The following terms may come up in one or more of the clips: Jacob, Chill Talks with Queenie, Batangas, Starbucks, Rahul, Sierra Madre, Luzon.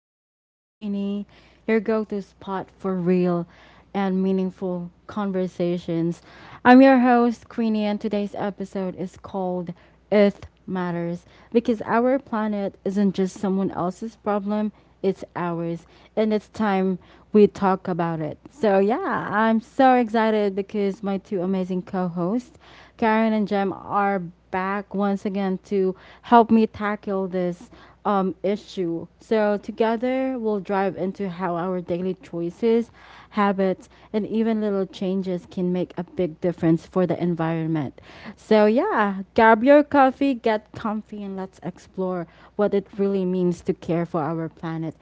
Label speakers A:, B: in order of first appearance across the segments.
A: Talks with Queenie, your go to spot for real and meaningful conversations. I'm your host, Queenie, and today's episode is called Earth Matters because our planet isn't just someone else's problem, it's ours, and it's time we talk about it. So, yeah, I'm so excited because my two amazing co hosts, Karen and Jem, are back once again to help me tackle this issue. So, together we'll dive into how our daily choices, habits, and even little changes can make a big difference for the environment. So, yeah, grab your coffee, get comfy, and let's explore what it really means to care for our planet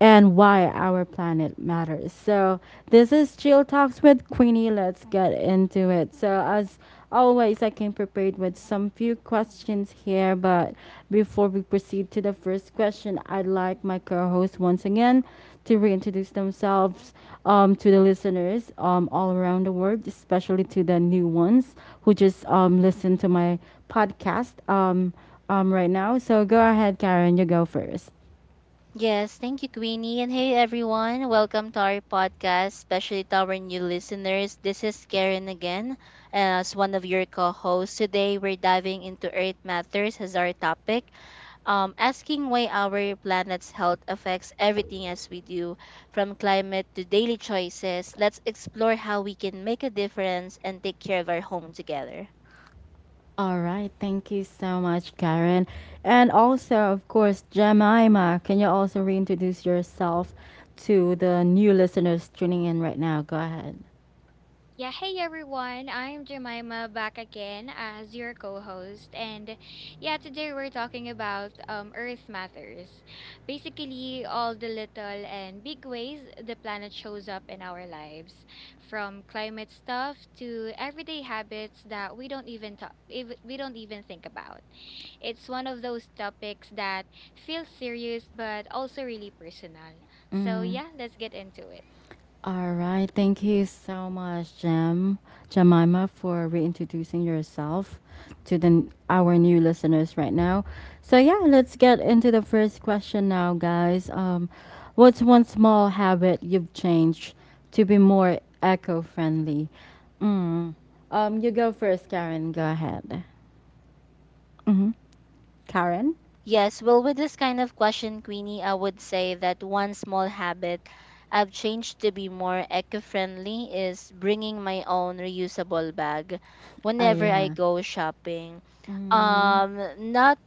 A: and why our planet matters. So this is Chill Talks with Queenie. Let's get into it. So as always, I came prepared with some few questions here, but before we proceed to the first question, I'd like my co-host once again to reintroduce themselves, to the listeners all around the world, especially to the new ones who just listen to my podcast, right now. So go ahead, Karen. You go first.
B: Yes, thank you, Queenie. And hey, everyone, welcome to our podcast, especially to our new listeners. This is Karen again, as one of your co hosts. Today, we're diving into Earth Matters as our topic, asking why our planet's health affects everything as we do, from climate to daily choices. Let's explore how we can make a difference and take care of our home together.
A: All right, thank you so much, Karen. And also, of course, Jemima, can you also reintroduce yourself to the new listeners tuning in right now? Go ahead.
C: Yeah, hey everyone. I'm Jemima back again as your co-host and yeah, today we're talking about Earth Matters. Basically, all the little and big ways the planet shows up in our lives, from climate stuff to everyday habits that we don't even think about. It's one of those topics that feels serious but also really personal. So,
A: Mm-hmm.
C: yeah, let's get into it.
A: All right. Thank you so much, Jem, Jemima, for reintroducing yourself to the our new listeners right now. So yeah, let's get into the first question now, guys. What's one small habit you've changed to be more eco-friendly? Mm. You go first, Karen. Go ahead. Mm-hmm. Karen?
B: Yes, well, with this kind of question, Queenie, I would say that one small habit I've changed to be more eco friendly is bringing my own reusable bag
A: Oh
B: whenever I
A: yeah.
B: go shopping.
A: Mm.
B: Um, not,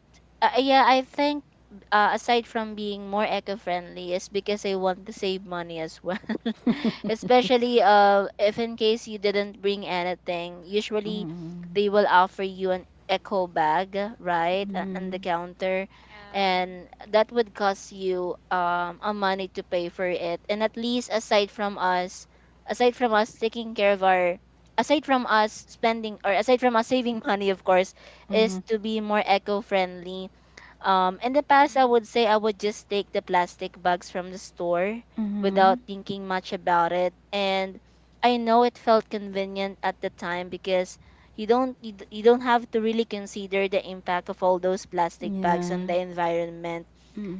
B: yeah, I think aside from being more eco friendly, is because I want to save money as well. Especially, if in case you didn't bring anything, usually they will offer you an eco bag, right, on the
A: Mm.
B: counter,
C: Yeah.
B: and that would cost you a money to pay for it. And at least, aside from us taking care of our, aside from us spending, or aside from us saving money, of course, is
A: Mm.
B: to be more eco-friendly. In the past, I would say I would just take the plastic bags from the store
A: Mm.
B: without thinking much about it. And I know it felt convenient at the time because you don't have to really consider the impact of all those plastic bags on
A: Yeah.
B: the environment.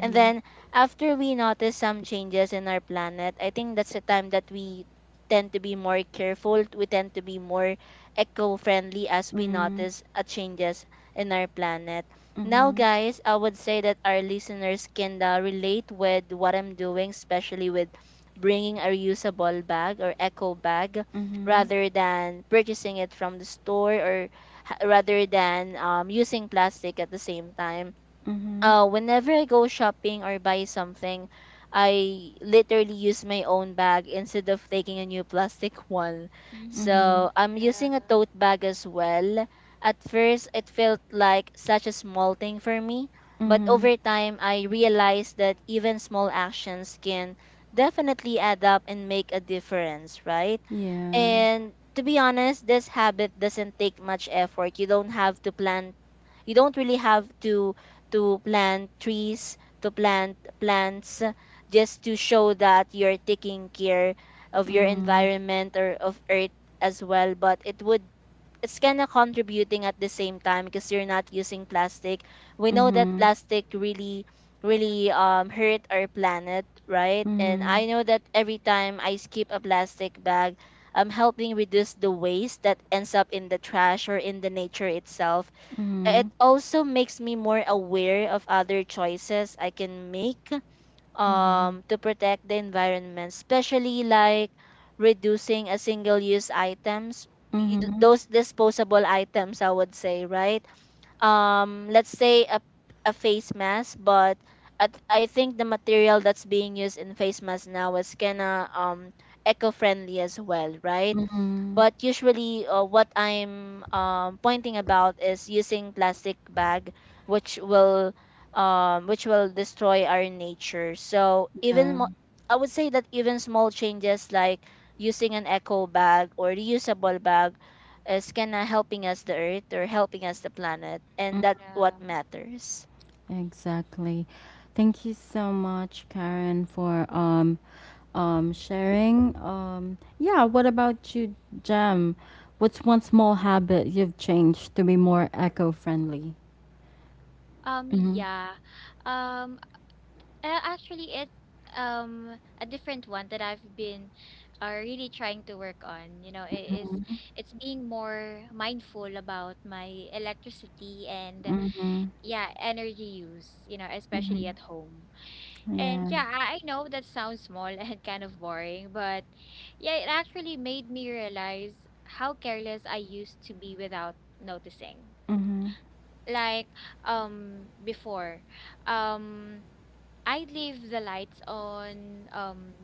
B: And then after we notice some changes in our planet, I think that's the time that we tend to be more careful. We tend to be more eco-friendly as we
A: Mm.
B: notice changes in our planet. Now,
A: Mhm.
B: guys, I would say that our listeners can relate with what I'm doing, especially with bringing a reusable bag or eco bag
A: Mhm.
B: rather than purchasing it from the store, or rather than using plastic. At the same time,
A: Mhm.
B: whenever I go shopping or buy something, I literally use my own bag instead of taking a new plastic one.
A: Mhm.
C: Mm-hmm.
B: So I'm
C: Yeah.
B: using a tote bag as well. At first, it felt like such a small thing for me, but
A: Mhm.
B: over time, I realized that even small actions can definitely add up and make a difference, right?
A: Yeah.
B: And to be honest, this habit doesn't take much effort. You don't have to plan you don't really have to plant trees, to plant plants, just to show that you're taking care of your
A: Mhm.
B: environment or of earth as well. But it would, it's kind of contributing at the same time, because you're not using plastic. we know that
A: Mhm.
B: plastic really really um hurt our planet, right? And I
A: Mhm.
B: know that every time I skip a plastic bag, I'm helping reduce the waste that ends up in the trash or in the nature itself. It
A: Mhm.
B: also makes me more aware of other choices I can make
A: Mhm.
B: to protect the environment, especially like reducing a single use items,
A: Mhm.
B: those disposable items, I would say, right? Let's say a face mask. But I think the material that's being used in face mask now is kinda eco-friendly as well, right?
A: Mhm.
B: But usually, what I'm pointing about is using plastic bag, which will, which will destroy our nature. So even
A: Yeah.
B: I would say that even small changes like using an eco bag or reusable bag is kind of helping us the earth or helping us the planet, and
A: Mm.
B: that
C: Yeah.
B: what matters.
A: Exactly. Thank you so much, Karen, for sharing. Yeah, what about you, Jem? What's one small habit you've changed to be more eco-friendly?
C: Um,
A: Mhm.
C: yeah. Um, actually, it's a different one that I've been really trying to work on. You know, is
A: Mhm.
C: it's being more mindful about my electricity and
A: Mhm.
C: yeah, energy use, you know, especially
A: Mhm.
C: at home. And
A: Yeah.
C: yeah, I know that sounds small and kind of boring, but yeah, it actually made me realize how careless I used to be without noticing.
A: Mhm.
C: Like, before, um I leave the lights on,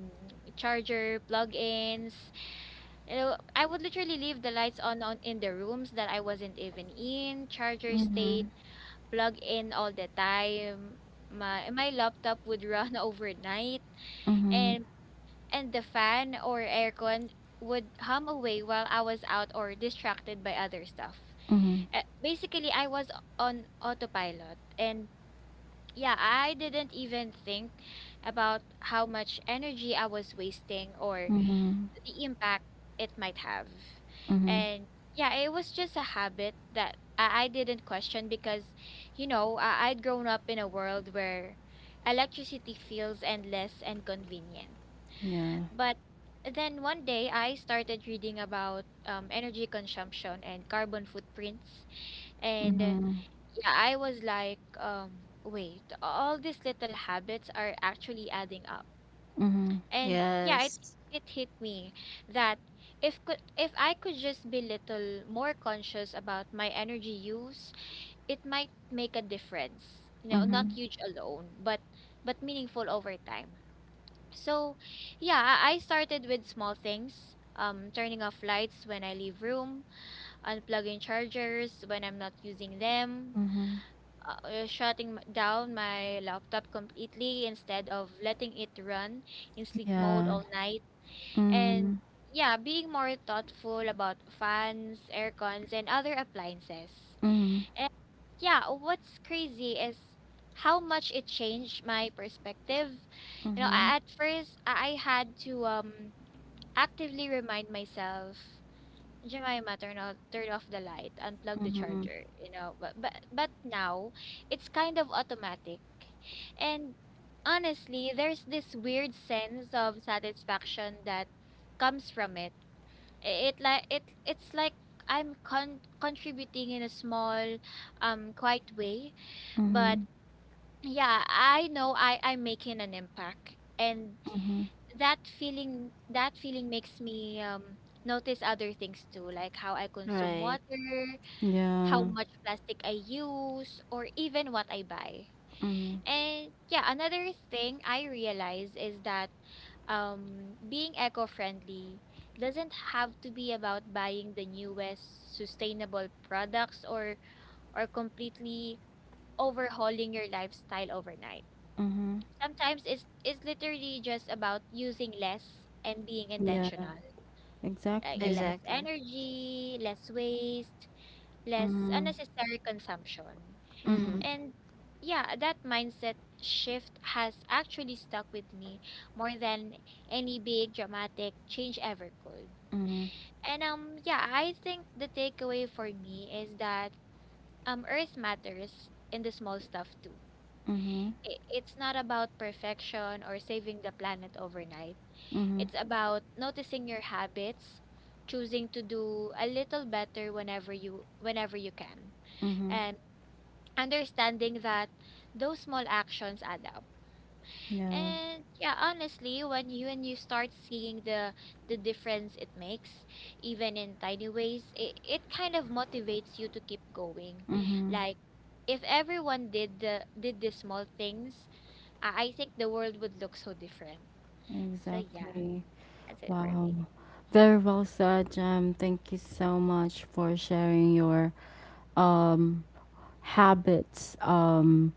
C: charger plug-ins, you know, I would literally leave the lights on in the rooms that I wasn't even in. Charger
A: Mhm.
C: stayed plugged in all the time, my laptop would run overnight,
A: Mhm.
C: and the fan or aircon would hum away while I was out or distracted by other stuff.
A: Mhm.
C: Basically I was on autopilot, and yeah, I didn't even think about how much energy I was wasting or
A: Mhm.
C: the impact it might have.
A: Mhm.
C: And yeah, it was just a habit that I didn't question because, you know, I'd grown up in a world where electricity feels endless and convenient.
A: Yeah.
C: But then one day I started reading about energy consumption and carbon footprints. And yeah,
A: Mhm.
C: I was like, wait, all these little habits are actually adding up.
A: Mhm.
C: And yeah,
B: Yes.
C: it hit me that if I could just be little more conscious about my energy use, it might make a difference. You know, not
A: Mhm.
C: huge alone, but meaningful over time. So, yeah, I started with small things. Turning off lights when I leave room, unplugging chargers when I'm not using them,
A: Mhm.
C: down my laptop completely instead of letting it run in sleep mode
A: Yeah.
C: all night. And
A: Mhm.
C: yeah, being more thoughtful about fans, aircons, and other appliances.
A: Mhm.
C: And yeah, what's crazy is how much it changed my perspective. You know,
A: Mhm.
C: at first, I had to actively remind myself, Jemima, turn off the light, unplug the
A: Mhm.
C: charger, you know. But now, it's kind of automatic, and honestly, there's this weird sense of satisfaction that comes from it. It's like I'm contributing in a small, quiet way. But
A: Mhm.
C: yeah, I know I'm making an impact, and
A: Mhm.
C: that feeling makes me notice other things too, like how I consume
B: Right.
C: water, how
A: Yeah.
C: much plastic I use, or even what I buy.
A: Mhm.
C: And yeah, another thing I realize is that being eco-friendly doesn't have to be about buying the newest sustainable products or completely overhauling your lifestyle overnight.
A: Mhm.
C: Sometimes it's literally just about using less and being
A: Yeah.
C: intentional, like
A: Exactly.
C: less
B: Exactly.
C: energy, less waste, less
A: Mhm.
C: unnecessary consumption.
B: Mm-hmm.
A: Mhm.
C: And yeah, that mindset shift has actually stuck with me more than any big dramatic change ever could.
A: Mhm.
C: And yeah, I think the takeaway for me is that earth matters in the small stuff too.
A: Mhm.
C: It's not about perfection or saving the planet overnight.
A: Mhm.
C: It's about noticing your habits, choosing to do a little better whenever you can,
A: Mhm.
C: and understanding that those small actions add up.
A: Yeah.
C: And yeah, honestly, when you start seeing the difference it makes, even in tiny ways, it kind of motivates you to keep going. Like, if everyone did the small things, I think the world would look so different. So yeah,
A: Exactly.
C: that's it for
A: Wow.
C: me.
A: Very well said, Jem. Thank you so much for sharing your um, habits, um,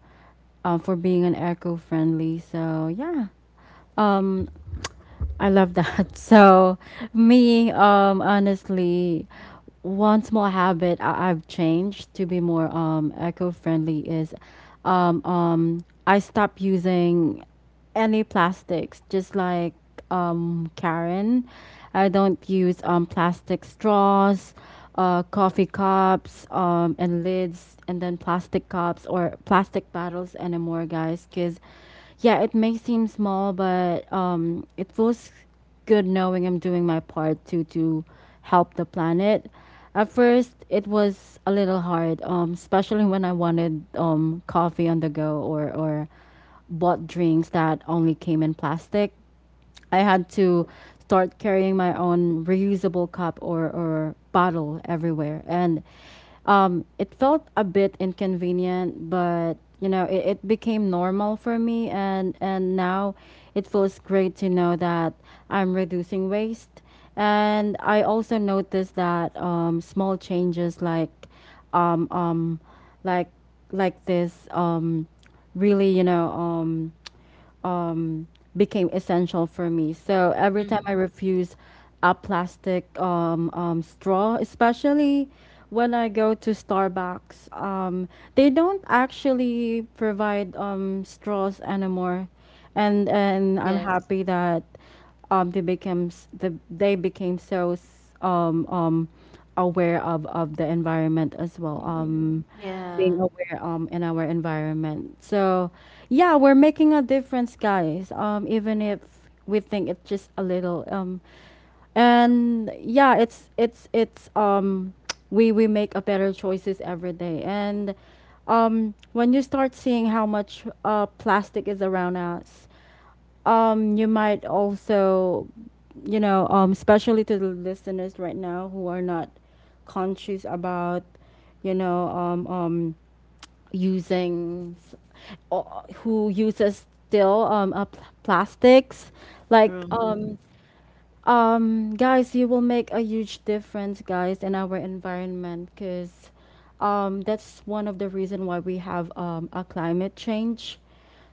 A: uh, for being an eco friendly. So, yeah. Um, I love that. So, me, honestly, one small habit I've changed to be more eco-friendly is, I stopped using any plastics. Just like, Karen, I don't use plastic straws, coffee cups, and lids, and then plastic cups or plastic bottles anymore, guys. Cause yeah, it may seem small, but it feels good knowing I'm doing my part to help the planet. At first, it was a little hard, especially when I wanted coffee on the go or bought drinks that only came in plastic. I had to start carrying my own reusable cup, or bottle everywhere. And it felt a bit inconvenient, but, it became normal for me. And now it feels great to know that I'm reducing waste. And I also noticed that, small changes um, um, like like this, really, became essential for me. So every time
B: Mm-hmm.
A: I refuse a plastic straw, especially when I go to Starbucks, they don't actually provide straws anymore, and I'm
B: Yes.
A: happy that, they became so aware of the environment as well.
C: Mhm.
A: Being
C: Yeah.
B: Yeah.
A: aware, in our environment. So yeah, we're making a difference, guys. Even if we think it's just a little. And yeah, it's we make a better choices every day. And, when you start seeing how much plastic is around us, you might also, especially to the listeners right now who are not conscious about, you know um um using s- or who uses still plastics, like,
B: Mm-hmm.
A: guys, you will make a huge difference, guys, in our environment because, that's one of the reason why we have a climate change.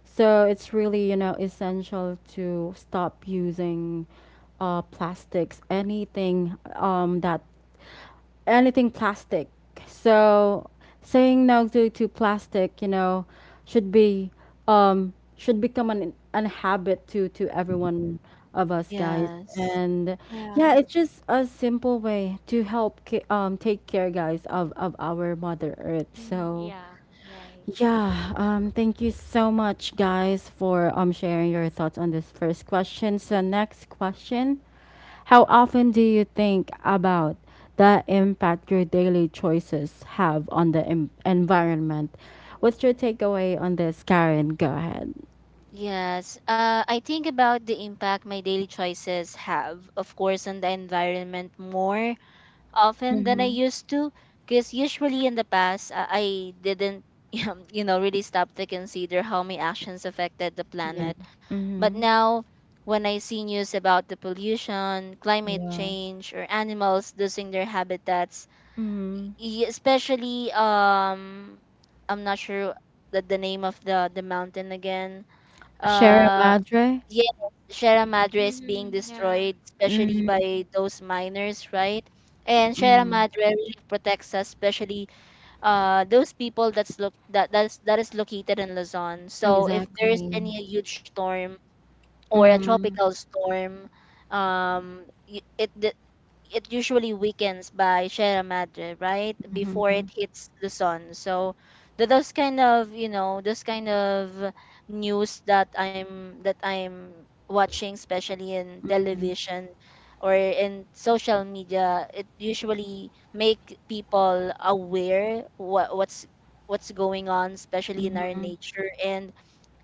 A: So it's really, essential to stop using plastics, anything plastic. So saying no to plastic, should be should become an habit to everyone of us, guys.
B: Yes.
A: And yeah,
C: Yeah.
A: it's just a simple way to help take care, guys, of our Mother Earth.
C: Mm-hmm.
A: So
C: Yeah, right.
A: yeah, thank you so much, guys, for sharing your thoughts on this first question. So, next question. How often do you think about the impact your daily choices have on the environment? What's your takeaway on this, Karen? Go ahead.
B: Yes, I think about the impact my daily choices have, of course, on the environment more often than I
A: Mm-hmm.
B: used to, because usually in the past, I didn't you know really stop to consider how my actions affected the
A: Yeah.
B: planet. But
A: Mm-hmm.
B: now, when I see news about the pollution, climate
A: Yeah.
B: change, or animals losing their habitats,
A: Mm-hmm.
B: especially, I'm not sure the name of the mountain again,
A: Share a
B: uh,
A: madre?
B: yes, Sierra Madre is being
C: Mhm. Yeah.
B: destroyed, especially
A: Mm-hmm.
B: by those miners, right? And Sierra Madre really protects us, especially those people that that is located in Luzon. So if there is
A: Exactly.
B: any huge storm or a
A: Mm-hmm.
B: tropical storm, it, it usually weakens by Sierra Madre, right? Before
A: Mm-hmm.
B: it hits Luzon. So th- those kind of, you know, those kind of news that I'm watching, especially in television or in social media, it usually make people aware what what's going on, especially in our nature. And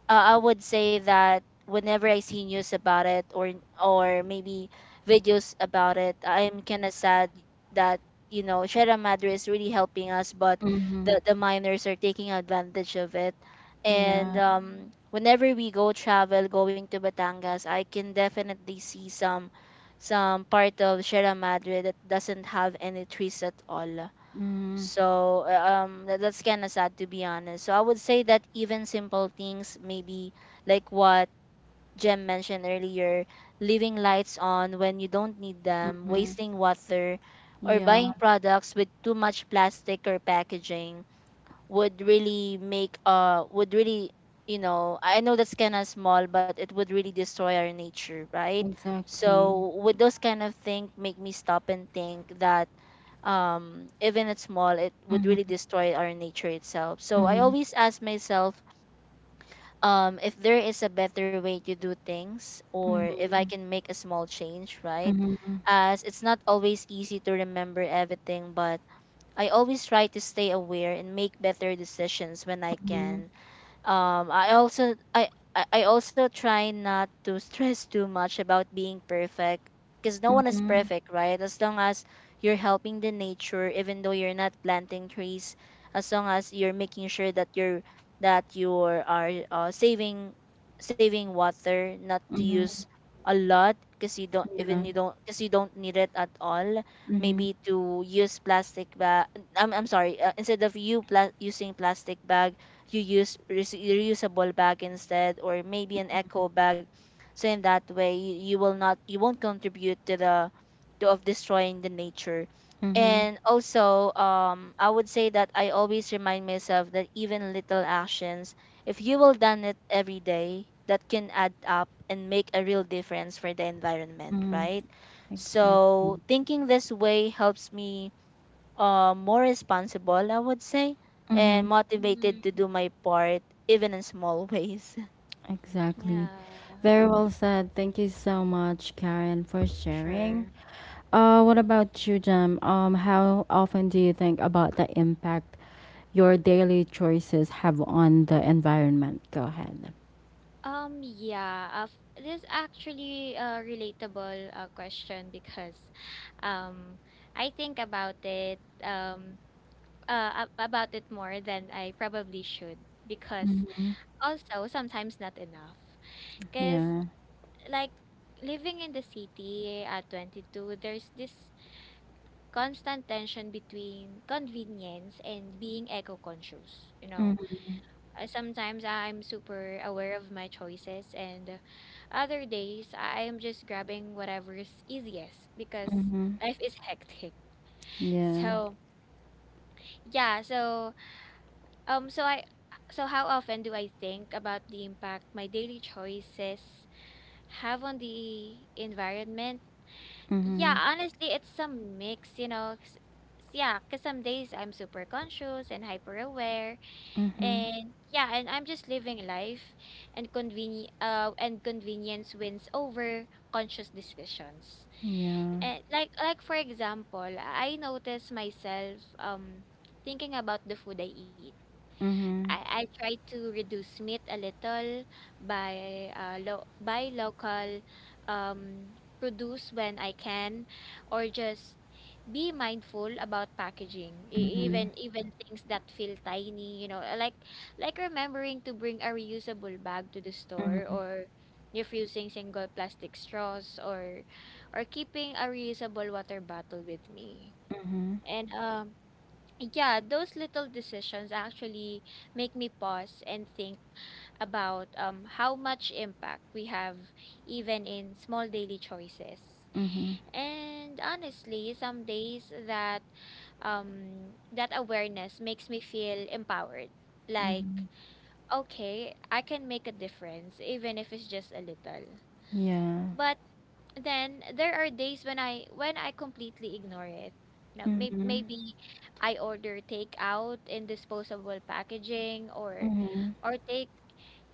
B: I would say that whenever I see news about it, or maybe videos about it, I'm kind of sad that you know Sierra Madre is really helping us, but the miners are taking advantage of it. And
A: Yeah.
C: Mhm.
B: whenever we go travel, going to Batangas, I can definitely see some part of Sierra Madre that doesn't have any trees at all.
A: Mm-hmm.
B: So that, that's kind of sad to be honest. So I would say that even simple things, maybe like what Jem mentioned earlier, leaving lights on when you don't need them,
A: Mm-hmm.
B: wasting water, or
A: Yeah,
B: buying
C: Yeah.
B: products with too much plastic or packaging, would really make, would really, you know, I know that's kind of small, but it would really destroy our nature, right?
A: exactly.
B: So would those kind of things make me stop and think that even it's small, it would
A: Mhm,
B: really destroy our nature itself. So I
A: mhm,
B: always ask myself, if there is a better way to do things, or if
A: mhm,
B: I can make a small change, right?
A: mhm,
B: As it's not always easy to remember everything, but I always try to stay aware and make better decisions when I
A: mhm,
B: can. I I also try not to stress too much about being perfect, because no one is
A: mhm,
B: perfect, right? As long as you're helping the nature, even though you're not planting trees, as long as you're making sure that you are, saving, saving water, not to
A: mhm,
B: use a lot because you don't
A: yeah,
B: even you don't because you don't need it at all.
A: mhm,
B: Maybe to use plastic bag, I'm sorry, instead of using plastic bag, you use reusable bag instead, or maybe an eco bag. So in that way, you will not, you won't contribute to the, to of destroying the nature.
A: mhm,
B: And also, I would say that I always remind myself that even little actions, if you will done it every day, that can add up and make a real difference for the environment,
A: mhm,
B: right?
A: exactly.
B: So thinking this way helps me, more responsible, I would say, and
A: Mhm,
B: motivated to
C: Mhm.
B: do my part, even in small ways.
A: exactly.
C: Yeah.
A: Very well said. Thank you so much, Karen, for
B: Sure.
A: sharing. What about you, Jem? How often do you think about the impact your daily choices have on the environment? Go ahead.
C: Yeah, this actually a relatable question, because um I think about it about it more than I probably should, because also sometimes not enough. Because
A: Yeah.
C: like living in the city at 22, there's this constant tension between convenience and being eco-conscious. You know,
A: Mm-hmm.
C: Sometimes I'm super aware of my choices, and other days I am just grabbing whatever is easiest because
A: Mm-hmm.
C: life is hectic.
A: Yeah.
C: So yeah, so so I. So how often do I think about the impact my daily choices have on the environment? Yeah,
A: Mm-hmm.
C: honestly, it's a mix, you know. 'Cause, yeah, because some days I'm super conscious and hyper aware,
A: Mm-hmm.
C: and yeah, and I'm just living life, and convenience wins over conscious decisions.
A: Yeah.
C: And like for example, I notice myself thinking about the food I eat.
A: Mhm.
C: I try to reduce meat a little by buy local produce when I can, or just be mindful about packaging. Even things that feel tiny, you know, like, remembering to bring a reusable bag to the store, or refusing single plastic straws, or keeping a reusable water bottle with me. And yeah, those little decisions actually make me pause and think about how much impact we have even in small daily choices.
A: Mhm.
C: And honestly, some days that that awareness makes me feel empowered.
A: Mhm.
C: Like, okay, I can make a difference, even if it's just a little.
A: Yeah.
C: But then there are days when I completely ignore it. Now,
A: Mhm.
C: maybe I order takeout in disposable packaging,
A: Mhm.
C: or take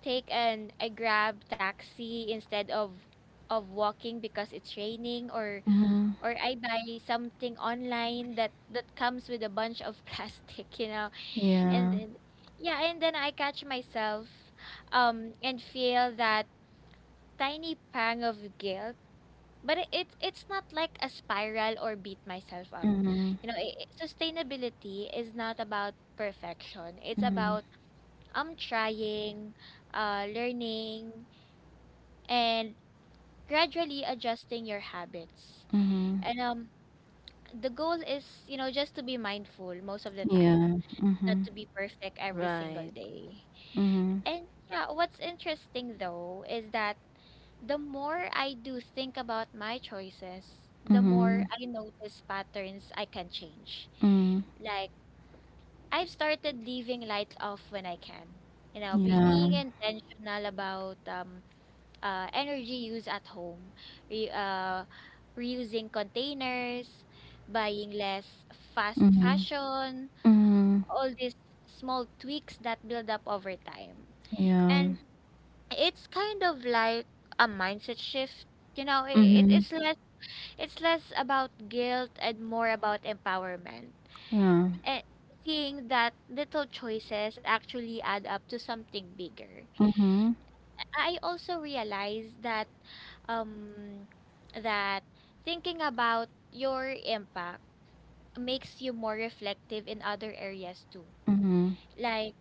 C: take an I grab taxi instead of walking because it's raining,
A: Mhm.
C: or I buy something online that comes with a bunch of plastic, you know. And
A: Yeah.
C: then yeah, and then I catch myself and feel that tiny pang of guilt, but it's not like a spiral or beat myself up. You know, sustainability is not about perfection. It's about trying, learning, and gradually adjusting your habits.
A: Mhm.
C: And the goal is, you know, just to be mindful most of the time,
A: Yeah.
C: not
A: Mhm.
C: to be perfect every single
B: Right.
C: day.
A: Mhm.
C: And yeah, what's interesting though is that the more I do think about my choices, the more
A: Mhm.
C: I notice patterns I can change.
A: Mm.
C: Like, I've started leaving lights off when I can. You know,
A: Yeah.
C: being intentional about energy use at home, re, uh, reusing containers, buying less fast
A: Mhm.
C: fashion,
A: Mhm.
C: all these small tweaks that build up over time.
A: Yeah.
C: And it's kind of like a mindset shift, you know,
A: Mhm.
C: it's less about guilt and more about empowerment,
A: Yeah.
C: and seeing that little choices actually add up to something bigger.
A: Mhm.
C: I also realized that um that thinking about your impact makes you more reflective in other areas too.
A: Mhm.
C: Like,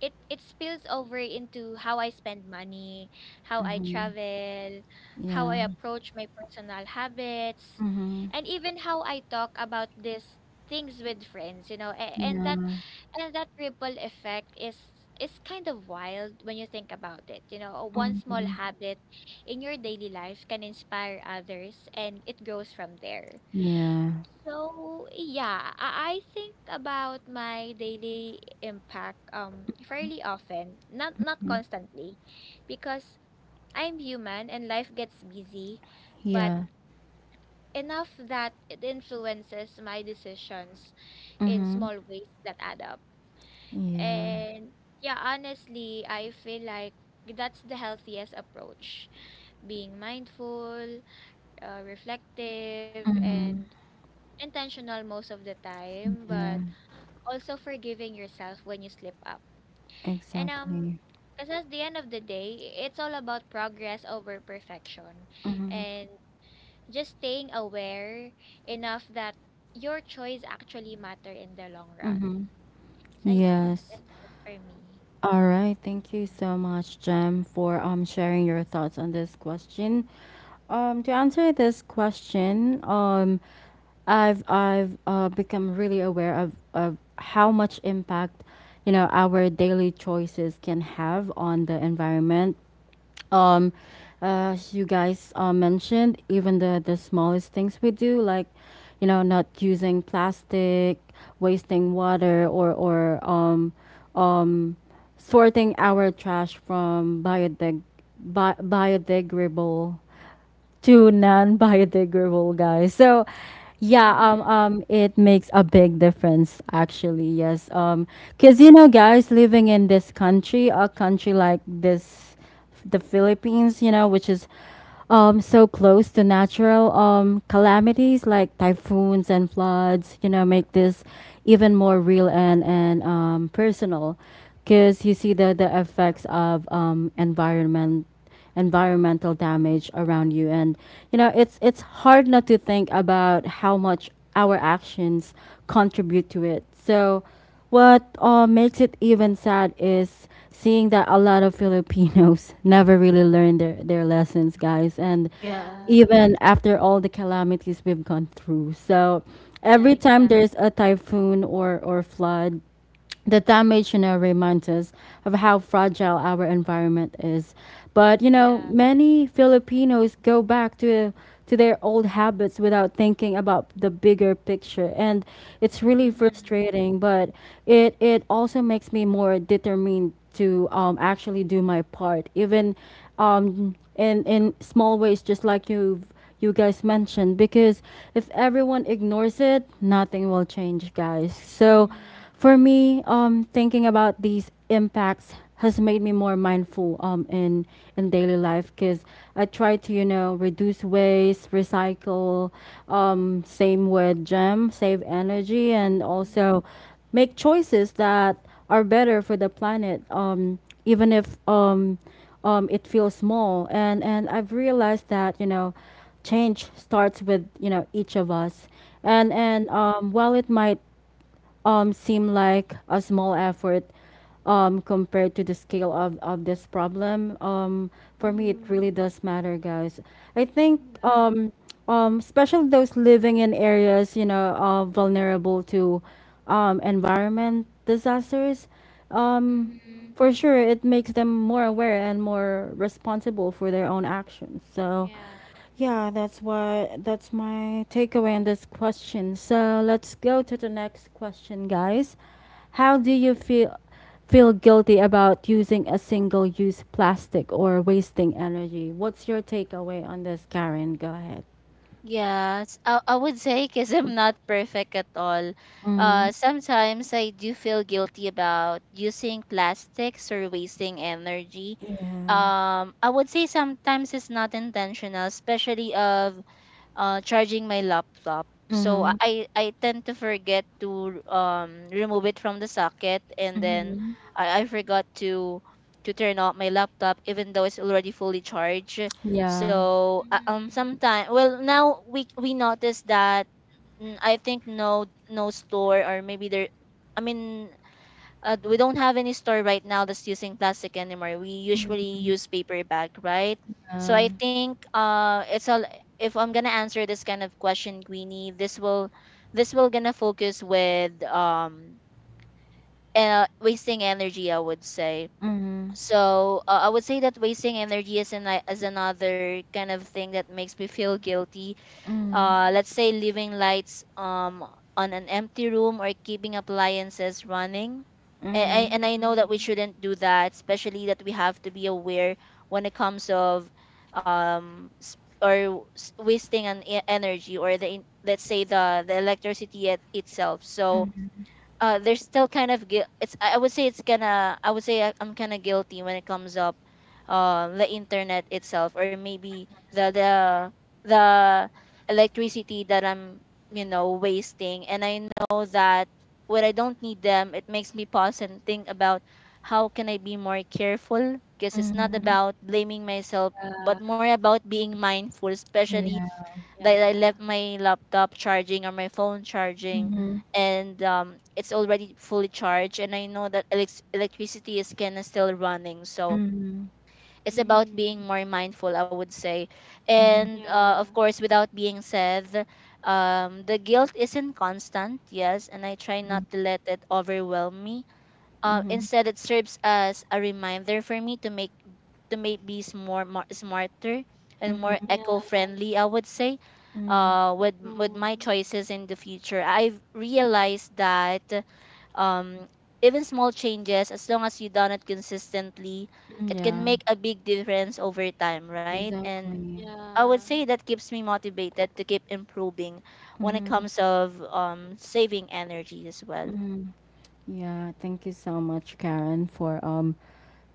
C: it spills over into how I spend money, how I
A: Mhm.
C: travel, how
A: Yeah.
C: I approach my personal habits,
A: Mhm.
C: and even how I talk about these things with friends, you know.
A: Yeah.
C: And that ripple effect is kind of wild when you think about it. You know, one small
A: Mhm.
C: habit in your daily life can inspire others and it grows from there.
A: Yeah.
C: So yeah, I think about my daily impact fairly often, not
A: Mm.
C: constantly, because I'm human and life gets busy, but
A: Yeah.
C: enough that it influences my decisions in
A: Mhm.
C: small ways that add up.
A: Yeah.
C: And yeah, honestly, I feel like that's the healthiest approach, being mindful, reflective, and
A: Mhm.
C: intentional most of the time, but
A: Yeah.
C: also forgiving yourself when you slip up. And
A: Exactly.
C: because at the end of the day, it's all about progress over perfection, and just staying aware enough that your choice actually matter in the long run.
A: Mhm.
C: So yeah,
A: Yes.
C: that's it for me.
A: All right, thank you so much, Jem, for sharing your thoughts on this question. To answer this question, I've become really aware of how much impact, our daily choices can have on the environment. Um, as you guys, mentioned, even the smallest things we do, like, not using plastic, wasting water, or sorting our trash from biodegradable to non-biodegradable, guys. So yeah,
C: Mhm.
A: it makes a big difference actually. Yes, cause, guys, living in this country, a country like this, the Philippines, which is, so close to natural, calamities like typhoons and floods, make this even more real, and personal, because you see the effects of, environmental damage around you, and it's hard not to think about how much our actions contribute to it. So what, makes it even sad is seeing that a lot of Filipinos never really learn their lessons, guys, and
B: Yes.
C: Yeah.
A: even after all the calamities we've gone through. So
C: Yeah,
A: every time there's a
C: exactly.
A: typhoon, or flood, the damage, reminds us of how fragile our environment is. But
C: Yeah.
A: many Filipinos go back to their old habits without thinking about the bigger picture, and it's really
C: Mhm.
A: frustrating. But it also makes me more determined to, actually do my part, even, in small ways, just like you guys mentioned. Because if everyone ignores it, nothing will change, guys. So.
C: Mhm.
A: For me, thinking about these impacts has made me more mindful, in daily life because I try to, reduce waste, recycle, same with Gem, save energy, and
C: Mhm.
A: also make choices that are better for the planet, even if, it feels small. And I've realized that, change starts with, each of us, and and
C: Mhm.
A: um, while it might, seem like a small effort, compared to the scale of this problem. For me, it
C: Mm-hmm.
A: really does matter, guys. I think,
C: Yeah.
A: especially those living in areas, vulnerable to, environment disasters, um,
C: Mhm.
A: for sure, it makes them more aware and more responsible for their own actions. So,
C: Yeah.
A: yeah, that's my takeaway on this question. So let's go to the next question, guys. How do you feel guilty about using a single use plastic or wasting energy? What's your takeaway on this, Karen? Go ahead.
B: Yes, I would say because I'm not perfect at all.
A: Mm-hmm.
B: Sometimes I do feel guilty about using plastics or wasting energy.
A: Yeah.
B: I would say sometimes it's not intentional, especially of charging my laptop. So
A: Mm-hmm.
B: I tend to forget to remove it from the socket, and then
A: Mm-hmm.
B: I
C: Mhm.
B: forgot to turn off my laptop even though it's already fully charged.
A: Yeah.
B: So
C: Mhm.
B: sometimes, well now we noticed that I think no no store, or maybe there, I mean, we don't have any store right now that's using plastic anymore. We usually use paper bag, right?
A: Yeah.
B: So I
A: Mm-hmm.
B: think it's all. If I'm gonna answer this kind of question, Queenie, this will gonna focus with wasting energy, I would say. So I would say that wasting energy is an, is another kind of thing that makes me feel guilty,
A: Mm-hmm.
B: let's
C: Mhm.
B: say leaving lights on an empty room, or keeping appliances running. And
A: Mm-hmm.
B: I know that we
C: Mhm.
B: shouldn't do that, especially that we have to be aware when it comes of wasting an energy, or the let's say the electricity it, itself. So there's still kind of guilt. It's I would say it's gonna I would say I- I'm kind of guilty when it comes up, the internet itself, or maybe the electricity that I'm wasting. And I know that when I don't need them, it makes me pause and think about how can I be more careful, because it's not
A: Mm-hmm.
C: Mm,
B: about blaming myself but
C: yeah,
B: more about being mindful, especially
A: Yeah.
C: yeah.
B: that I left my laptop charging or my phone charging,
A: Mm-hmm.
B: and it's already fully charged and I know that electricity is kind of still running, so it's about being
C: Mhm.
B: more mindful, I would say.
A: Mm-hmm. Mm-hmm.
B: And of
C: Yeah.
B: course, without being said, the guilt isn't constant, yes, and I try not to let it overwhelm me.
A: Mm-hmm.
B: Instead, it serves as a reminder for me to make bees more, more smarter and more
A: Mm-hmm.
C: Yeah.
B: eco-friendly, I would say,
A: Mm-hmm.
B: with
C: Mm,
B: my choices in the future. I've realized that um, even small changes, as long as you done it consistently, it can
A: Yeah.
B: make a big difference over time, right? And
A: Exactly.
B: I would
C: yeah.
B: say that keeps me motivated to keep improving when it
A: Mm-hmm.
B: comes of saving energy as well.
A: Mm-hmm. Yeah, thank you so much, Karen, for um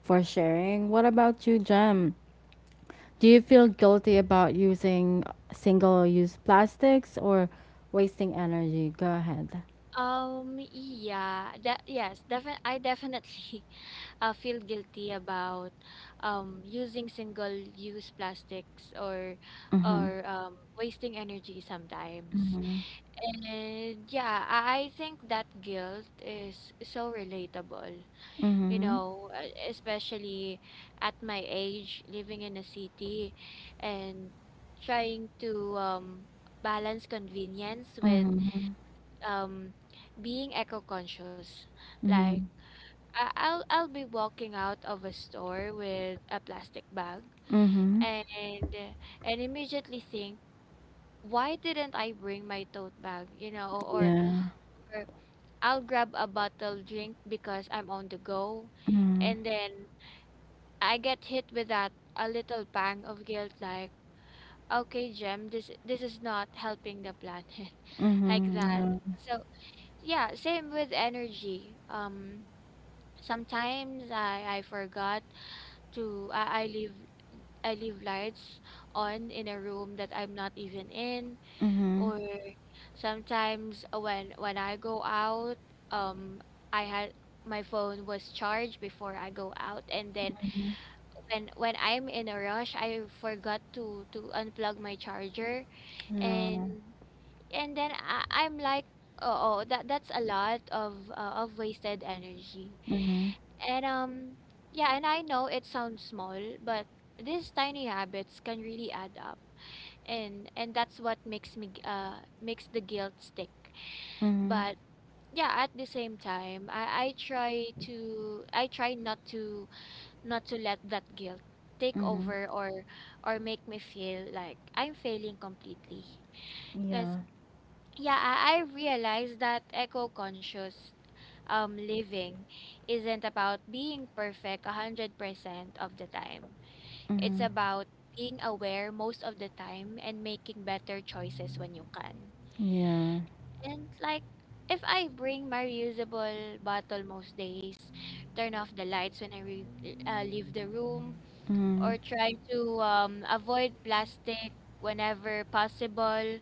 A: for sharing. What about you, Jem? Do you feel guilty about using single-use plastics or wasting energy? Go ahead.
C: Defi I definitely feel guilty about using single-use plastics,
A: Mm-hmm.
C: or wasting energy sometimes.
A: Mm-hmm.
C: And yeah, I think that guilt is so relatable, you
A: Mm-hmm.
C: know, especially at my age, living in a city and trying to balance convenience with
A: Mm-hmm.
C: um, being eco-conscious. Like,
A: Mm-hmm.
C: I'll be walking out of a store with a plastic bag
A: Mm-hmm.
C: and immediately think, why didn't I bring my tote bag? You know,
A: Yeah.
C: or I'll grab a bottle drink because I'm on the go.
A: Mm-hmm.
C: And then I get hit with that a little pang of guilt like, okay, Jem, this is not helping the planet like
A: Mm-hmm.
C: that.
A: Yeah.
C: So yeah, same with energy. Sometimes I forgot to I leave I leave lights on in a room that I'm not even in,
A: Mm-hmm.
C: or sometimes when I go out, um I had my phone was charged before I go out, and then when I'm in a rush, I forgot to unplug my charger, and
A: Yeah.
C: and then I'm like, oh, that's a lot of wasted energy.
A: Mm-hmm.
C: And yeah, and I know it sounds small, but these tiny habits can really add up. And that's what makes me makes the guilt stick.
A: Mm-hmm.
C: But yeah, at the same time, I try to I try not to not to let that guilt take
A: Mm-hmm.
C: over, or make me feel like I'm failing completely. Because
A: Yeah.
C: yeah, I realized that eco conscious living isn't about being perfect 100% of the time. It's
A: Mm-hmm.
C: about being aware most of the time and making better choices when you can.
A: Yeah.
C: And like, if I bring my reusable bottle most days, turn off the lights when I leave the room,
A: Mm-hmm.
C: or try to avoid plastic whenever possible,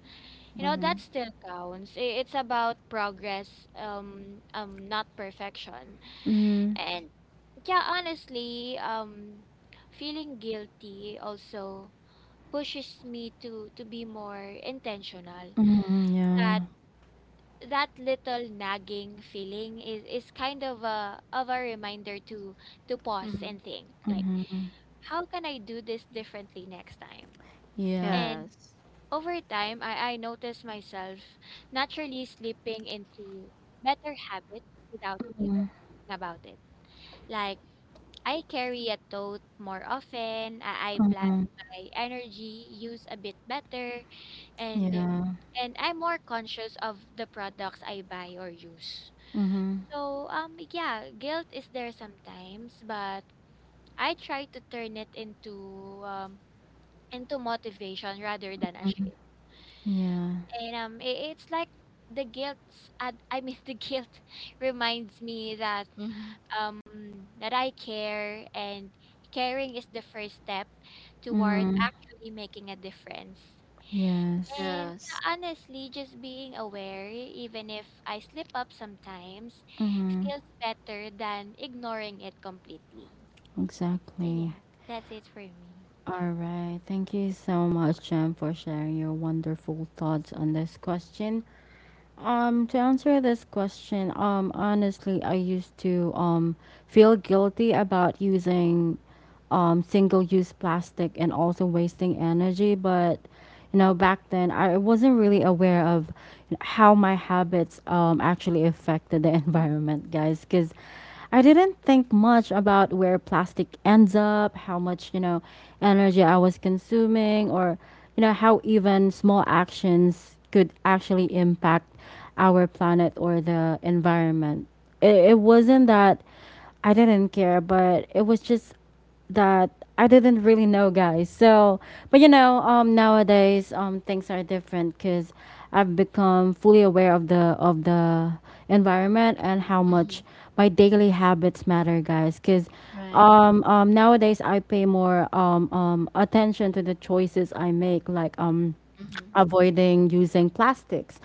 C: you know that still counts. It's about progress, not perfection.
A: Mhm.
C: And yeah, honestly, feeling guilty also pushes me to be more intentional.
A: Mhm, yeah.
C: That that little nagging feeling is kind of a reminder to pause and
B: Mm-hmm.
C: think, like,
A: Mhm.
C: how can I do this differently next time?
A: Yeah.
C: And
B: Yes.
C: Over time, I noticed myself naturally slipping into better habits without even
A: Mhm.
C: thinking about it. Like, I carry a tote more often, I plan
A: Mhm.
C: my energy use a bit better, and
A: Yeah.
C: and I'm more conscious of the products I buy or use.
A: Mhm.
C: So, yeah, guilt is there sometimes, but I try to turn it into motivation rather than a shame.
A: Yeah.
C: And it's like the guilt. The guilt reminds me that
B: Mm-hmm.
C: um that I care, and caring is the first step toward
A: Mhm.
C: actually making a difference.
A: Yes.
C: And
B: Yes.
C: yeah, honestly, just being aware, even if I slip up sometimes, feels better than ignoring it completely. So
A: Exactly.
C: yeah, that's it for me.
A: All right. Thank you so much, Jem, for sharing your wonderful thoughts on this question. To answer this question, honestly, I used to feel guilty about using single-use plastic and also wasting energy, but you know, back then I wasn't really aware of how my habits actually affected the environment, guys, because I didn't think much about where plastic ends up, how much, you know, energy I was consuming, or, you know, how even small actions could actually impact our planet or the environment. It wasn't that I didn't care, but it was just that I didn't really know, guys. So, but you know, nowadays things are different because I've become fully aware of the environment and how
B: Mm-hmm.
A: much my daily habits matter, guys. Because
B: Right.
A: nowadays I pay more attention to the choices I make, like
B: Mm-hmm.
A: avoiding using plastics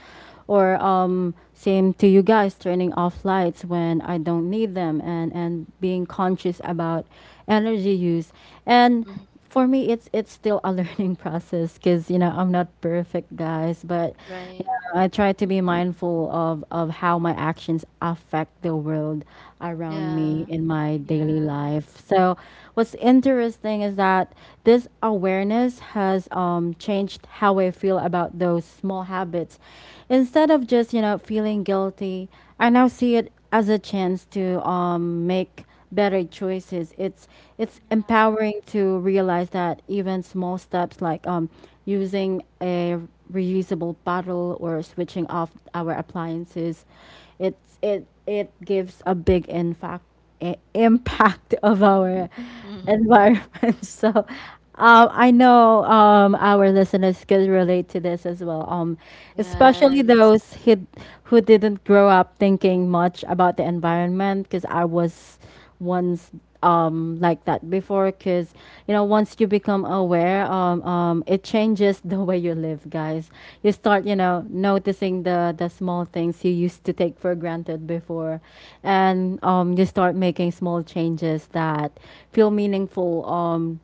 A: or same to you guys, turning off lights when I don't need them, and being conscious about energy use. And for me it's still a learning process because you know I'm not perfect, guys, but
B: Right.
A: I try to
C: Mhm.
A: be mindful of how my actions affect the world around me
B: Yeah.
A: in my daily
C: Yeah.
A: life. So, what's interesting is that this awareness has changed how I feel about those small habits. Instead of just you know feeling guilty, I now see it as a chance to make better choices. It's
C: Yeah.
A: empowering to realize that even small steps like using a reusable bottle or switching off our appliances, it gives a big impact impact of
C: Mm-hmm.
A: our
B: Mhm.
A: environment. So, I know our listeners could relate to this as well. Especially
B: Yes.
A: those who didn't grow up thinking much about the environment, because I was ones like that before because you know once you become aware, it changes the way you live, guys. You start you know noticing the small things you used to take for granted before, and you start making small changes that feel meaningful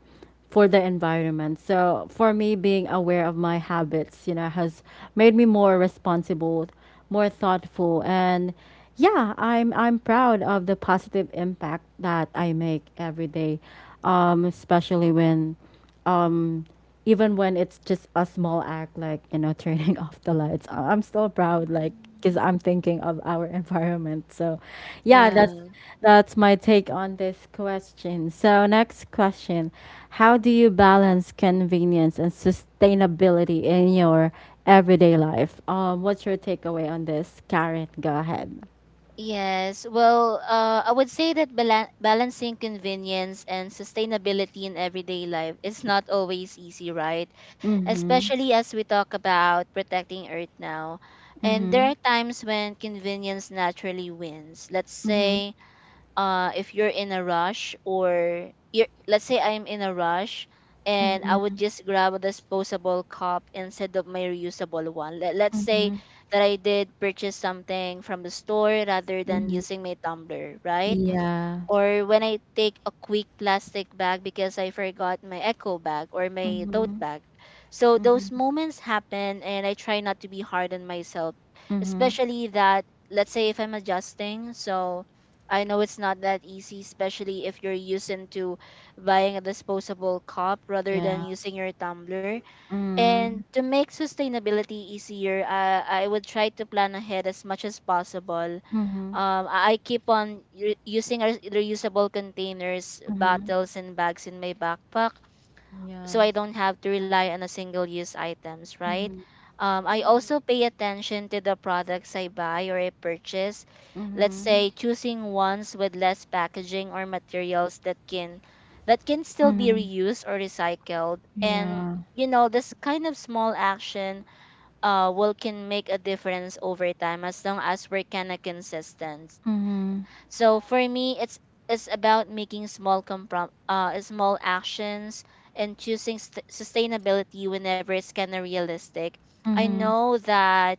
A: for the environment. So for me, being aware of my habits, you know, has made me more responsible, more thoughtful, and yeah, I'm proud of the positive impact that I make every day, especially when um, even when it's just a small act like you know turning off the lights, I'm still proud, like,
C: Mm-hmm.
A: because I'm thinking of our environment. So yeah,
B: Yeah.
A: that's my take on this question. So next question: how do you balance convenience and sustainability in your everyday life? What's your takeaway on this, Karen? Go ahead.
B: Yes. Well, I would say that balancing convenience and sustainability in everyday life is not always easy, right?
A: Mm-hmm.
B: Especially as we talk about protecting Earth now. And there
A: Mm-hmm.
B: are times when convenience naturally wins. Let's
A: Mm-hmm.
B: say if you're in a rush, or you're, let's say I'm in a rush, and I would just grab a disposable cup instead of my reusable one. Let's say
A: Mm-hmm.
B: that I did purchase something from the store rather than
A: Mm-hmm.
B: using my tumbler, right?
A: Yeah.
B: Or when I take a quick plastic bag because I forgot my eco bag or my tote
A: Mm-hmm.
B: bag. So those
A: Mm-hmm.
B: moments happen and I try not to be hard on myself,
A: Mm-hmm.
B: especially that let's say if I'm adjusting. So I know it's not that easy, especially if you're used into buying a disposable cup rather than
A: Yeah.
B: using your tumbler. And
A: Mm.
B: to make sustainability easier, I would try to plan ahead as much as possible.
A: Mhm.
B: I keep on using reusable containers,
A: Mhm.
B: bottles, and bags in my backpack so
A: Yeah.
B: I don't have to
C: Yeah.
B: rely on a single use items, right?
A: Mhm.
B: I also
C: Mhm.
B: pay attention to the products I buy or I purchase. Let's
A: Mhm.
B: say choosing ones with less packaging or materials that can still be
A: Mhm.
B: reused or recycled. And
A: Yeah.
B: you know, this kind of small action will can make a difference over time as long as we're kind of consistent.
A: Mhm.
B: So for me, it's about making small small actions and choosing sustainability whenever it's kind of realistic. I
A: Mhm.
B: know that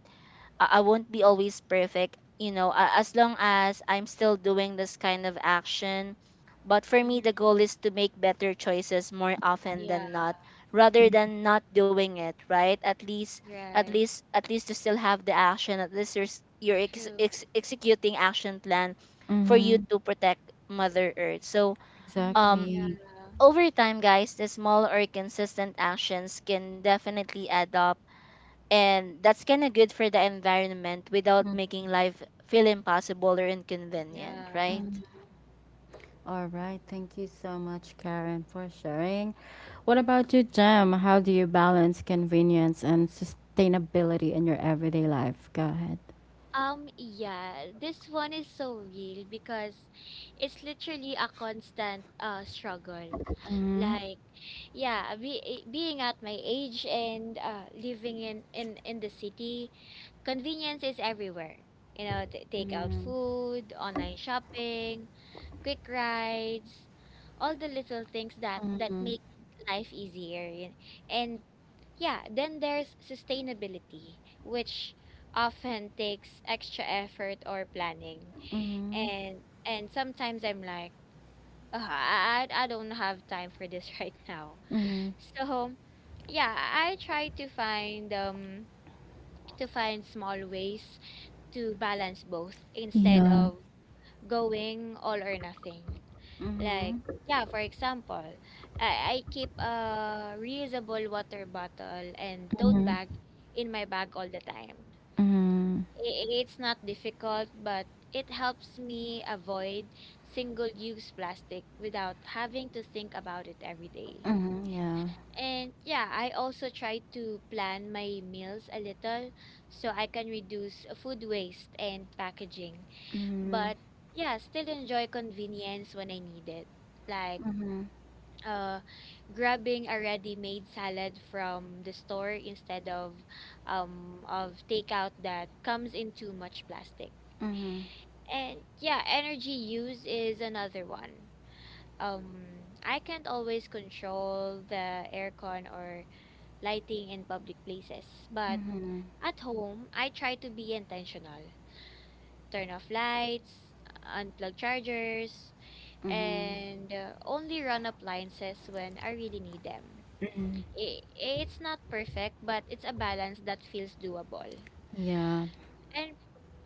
B: I won't be always perfect, you know, as long as I'm still doing this kind of action. But for me, the
C: Mhm.
B: goal is to make better choices more often
C: Yeah.
B: than not, rather
A: Yeah.
B: than not doing it, right? At least, at
C: Right.
B: least, at least you still have the action. At least you're, s- you're ex-
C: True.
B: ex- executing action plan for you
A: Mhm.
B: to protect Mother Earth. So,
C: Mhm.
B: um,
C: Yeah.
A: Exactly.
B: over time, guys, the small or consistent actions can definitely add up, and that's kind of good for the environment without making life feel impossible or inconvenient,
C: Yeah.
B: right?
A: Mhm. All right. Thank you so much, Karen, for sharing. What about you, Jem? How do you balance convenience and sustainability in your everyday life? Go ahead.
C: Yeah, this one is so real because it's literally a constant struggle.
A: Mhm.
C: Like, yeah, being at my age and living in in the city, convenience is everywhere. You know, t take out
A: Mhm.
C: food, online shopping, quick rides, all the little things that that
A: Mhm.
C: make life easier. And yeah, then there's sustainability, which often takes extra effort or planning.
A: Mhm.
C: And sometimes I'm like, oh, I don't have time for this right now.
A: Mhm.
C: So yeah, I try to find small ways to balance both instead
A: Yeah.
C: of going all or nothing. Like,
A: Mhm.
C: yeah, for example, I keep a reusable water bottle and
A: Mhm.
C: tote
A: Mhm.
C: bag in my bag all the time.
A: Mhm.
C: It's not difficult, but it helps me avoid single-use plastic without having to think about it every day.
A: Mhm. Yeah.
C: And yeah, I also try to plan my meals a little so I can reduce food waste and packaging,
A: Mhm.
C: but yeah, still enjoy convenience when I need it. Like
A: Mhm.
C: uh, grabbing a ready-made salad from the store instead of takeout that comes in too much plastic.
A: Mhm.
C: And yeah, energy use is another one. Um, I can't always control the aircon or lighting in public places, but
A: Mhm.
C: at home, I try to be intentional. Turn off lights, unplug chargers,
A: Mhm.
C: and only run appliances when I really need them. It's not perfect, but it's a balance that feels doable.
A: Yeah.
C: And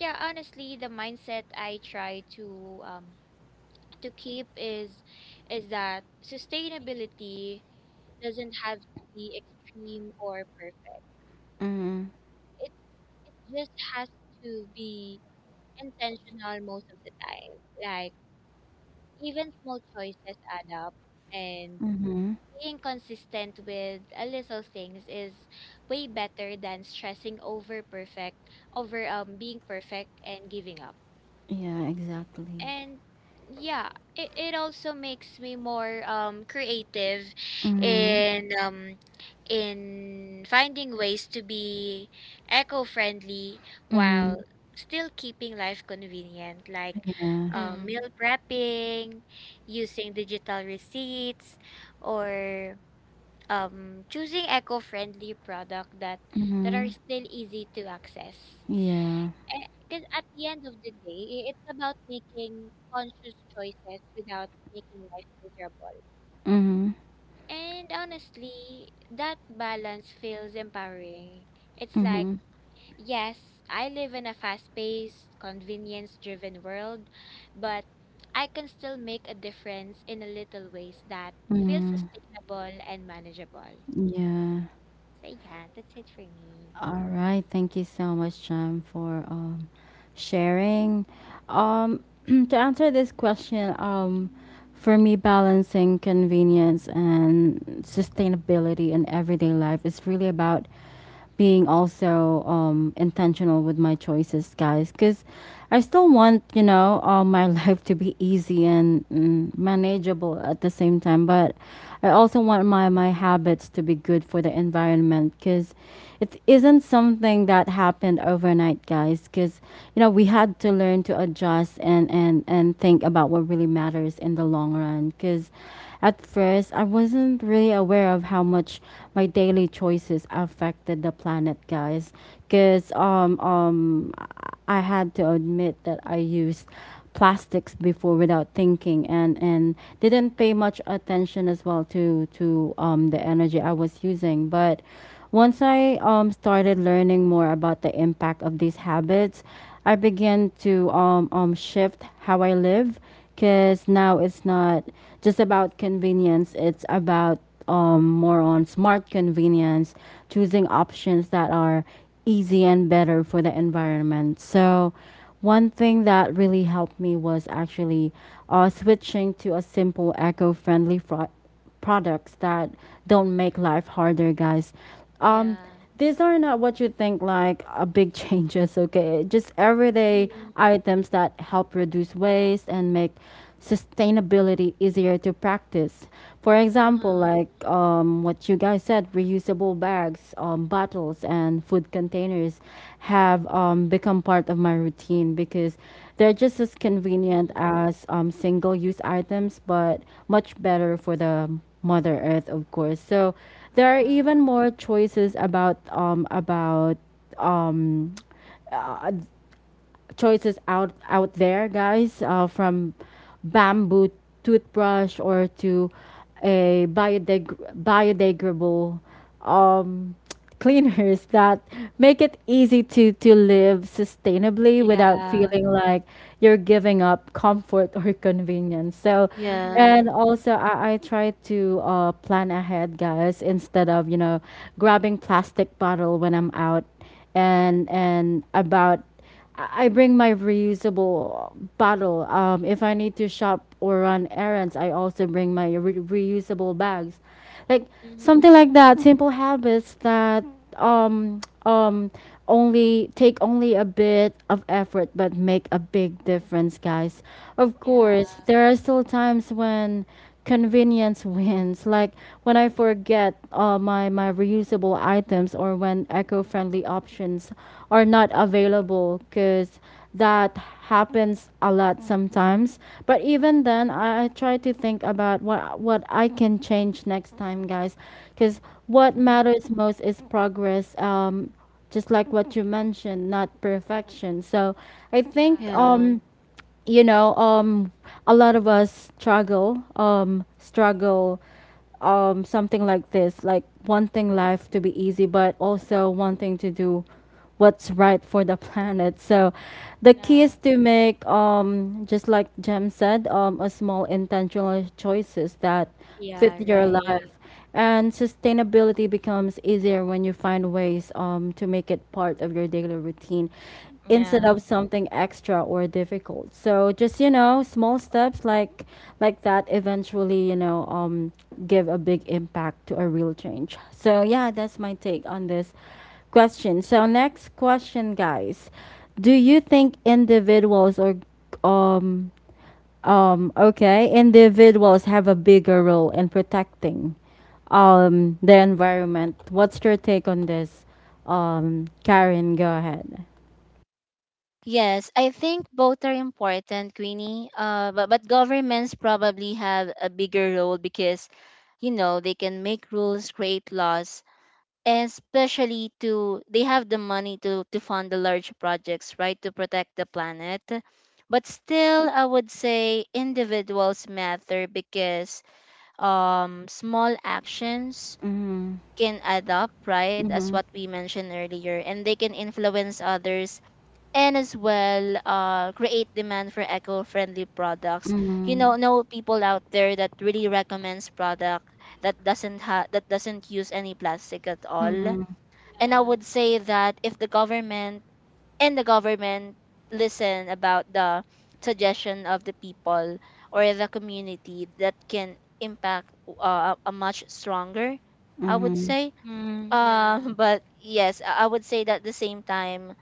C: yeah, honestly, the mindset I try to keep is that sustainability doesn't have to be extreme or perfect.
A: Mhm.
C: It's it just has to be intentional most of the time. Like, even small choices add up, and
A: Mhm.
C: being consistent with a little things is way better than stressing over perfect over being perfect and giving up.
A: Yeah, exactly.
C: And yeah, it also makes me more creative
A: Mhm.
C: in um in finding ways to be eco-friendly
A: Mhm.
C: while still keeping life convenient, like
A: Yeah.
C: meal
B: Mm-hmm.
C: prepping, using digital receipts, or choosing eco-friendly product that that are
A: Mhm.
C: still easy to access.
A: Yeah.
C: Because at the end of the day, it's about making conscious choices without making life miserable.
A: Mhm.
C: And honestly, that balance feels empowering. It's like,
A: Mhm.
C: yes, I live in a fast-paced, convenience-driven world, but I can still make a difference in a little ways that feel
A: Mhm.
C: sustainable and manageable.
A: Mhm. Yeah.
C: So yeah, that's it for me.
A: All right. Thank you so much, Jem, for sharing. To answer this question, for me, balancing convenience and sustainability in everyday life is really about being also intentional with my choices, guys, because I still want, you know, my life to be easy and manageable at the same time. But I also want my habits to be good for the environment, because it isn't something that happened overnight, guys, because, you know, we had to learn to adjust and, and think about what really matters in the long run, because at first, I wasn't really aware of how much my daily choices affected the planet, guys. Because I had to admit that I used plastics before without thinking, and didn't pay much attention as well to the energy I was using. But once I started learning more about the impact of these habits, I began to shift how I live, because now it's not just about convenience, it's about more on smart convenience, choosing options that are easy and better for the environment. So, one thing that really helped me was actually switching to a simple eco friendly products that don't make life harder, guys. Um,
C: Yeah.
A: these are not what you think, like a big changes, okay? Just everyday
C: Mhm.
A: items that help reduce waste and make sustainability easier to practice. For example,
C: Uh-huh.
A: like what you guys said, reuse reusable bags, bottles, and food containers have become part of my routine because they're just as convenient
C: Mhm.
A: as single use items, but much better for the Mother Earth, of course. So there are
C: Yeah.
A: even more choices about um, choices out there, guys, from bamboo toothbrush or to a biodegradable um, cleaners that make it easy to live sustainably without
C: Yeah.
A: feeling like you're giving up comfort or convenience. So,
C: Mhm.
B: Yeah.
A: and also I try to plan ahead, guys, instead of you know grabbing plastic bottle when I'm out and about, I bring my reusable bottle. If I need to shop or run errands, I also bring my reusable bags, like something like
C: Mhm.
A: that. Simple habits that um um only take only a bit of effort but make a big difference, guys. Of
C: Yeah.
A: course, there are still times when convenience wins. Like when I forget my reusable items, or when eco-friendly options are not available, cuz that
C: Yeah.
A: happens a lot sometimes. But even then I try to think about what I can change next time, guys, cuz what
C: Mm.
A: matters most is progress. Just like what you mentioned, not perfection. So I
C: Yeah.
A: think
B: Yeah.
A: you know um a lot of us struggle something like this, like wanting life to be easy but also wanting to do what's right for the planet. So the key
C: Yeah.
A: is to make just like Jem said, a small intentional choices that fit
C: Yeah,
A: your
C: right.
A: life, and sustainability becomes easier when you find ways to make it part of your daily routine instead
C: Yeah.
A: of something extra or difficult. So just you know, small steps like that eventually you know give a big impact to a real change. So yeah, that's my take on this question. So next question, guys, do you think individuals or um okay individuals have a bigger role in protecting the environment? What's your take on this? Karen, go ahead.
B: Yes, I think both are important, Queenie. But governments probably have a bigger role because, you know, they can make rules, create laws, and especially to they have the money to fund the large projects, right, to protect the planet. But still, I would say individuals matter because small actions can
C: Uh,
B: add up, right, as what we mentioned earlier, and they can influence others, and as well, create demand for eco-friendly products. You know people out there that really recommends product that doesn't use any plastic at all. And I
C: yeah.
B: would say that if the government and the government listen about the suggestion of the people or the community, that can impact, a much stronger, I would
A: Mhm.
B: say.
C: Mm, yeah.
B: But yes, I would say that at the same time,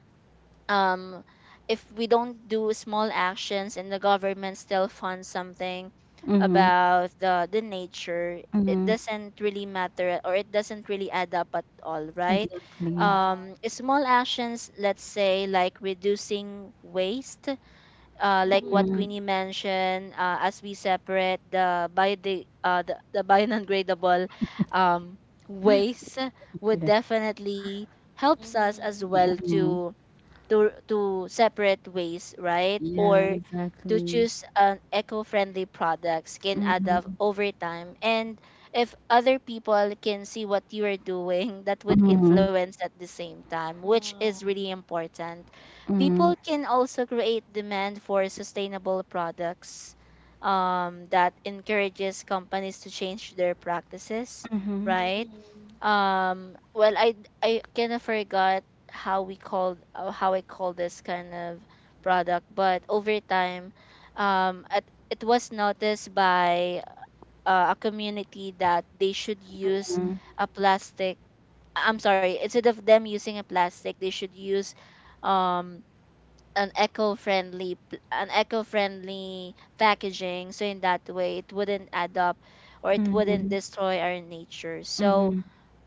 B: um if we don't do small actions and the government still funds something
A: Mhm.
B: about the nature, it
A: Mhm.
B: doesn't really matter, or it doesn't really add up at all, right?
A: Exactly.
C: Yeah.
B: Small actions, let's say like reducing waste, like what
A: Mhm.
C: Mhm.
B: Queenie mentioned, as we separate the biodegradable um waste, would
A: Yeah.
B: definitely helps us as
C: Mhm.
B: well
A: Mhm.
B: to separate waste, right?
A: Yeah,
B: Or to
A: exactly.
B: choose an eco-friendly products can add up
A: Mhm.
B: over time. And if other people can see what you are doing, that would
A: Mhm.
B: influence at the same time, which
C: Uh,
B: is really important.
A: Mhm.
B: People can also create demand for sustainable products, that encourages companies to change their practices,
A: Mhm.
B: right?
C: mhm.
B: Well, I kind of forgot how I call this kind of product. But over time, um, at, it was noticed by a community that they should use a plastic. I'm sorry, instead of them using a plastic, they should use um, an eco-friendly packaging. So in that way, it wouldn't add up or it wouldn't
A: Mhm.
B: destroy our nature. So,
A: Mhm.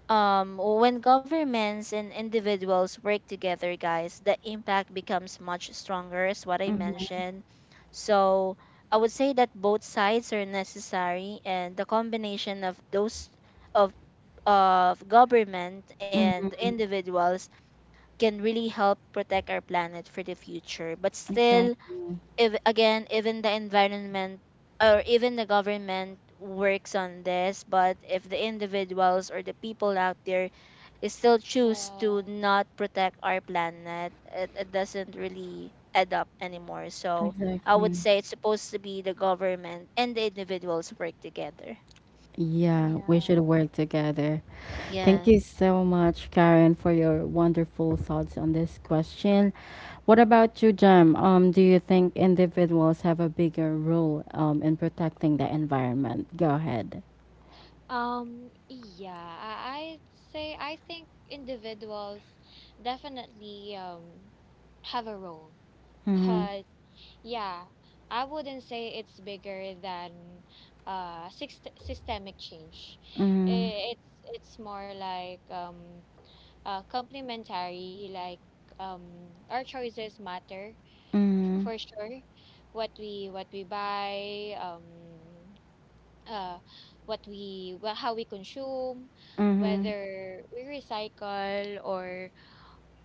B: when governments and individuals work together, guys, the impact becomes much stronger, is what I
A: Mhm.
B: mentioned. So I would say that both sides are necessary, and the combination of those, of of government
A: Mhm.
B: and
A: Mhm.
B: individuals, can really help protect our planet for the future. But still,
A: Exactly,
B: if again even the environment or even the government works on this, but if the individuals or the people out there is still choose to
C: Yeah.
B: not protect our planet, it doesn't really add up anymore. So I would
A: exactly.
B: say it's supposed to be the government and the individuals work together.
A: Yeah, we should
C: Yeah.
A: work together. Thank you
B: Yes.
A: so much, Karen, for your wonderful thoughts on this question. What about you, Jem? Do you think individuals have a bigger role in protecting the environment? Go ahead.
C: Yeah, I'd say I think individuals definitely have a role,
A: Mm-hmm.
C: but yeah, I wouldn't say it's bigger than systemic change.
A: Mm-hmm.
C: I- It's it's more like complementary, like our choices matter for sure. What we buy, uh, what we well, how we consume,
A: Mm-hmm.
C: whether we recycle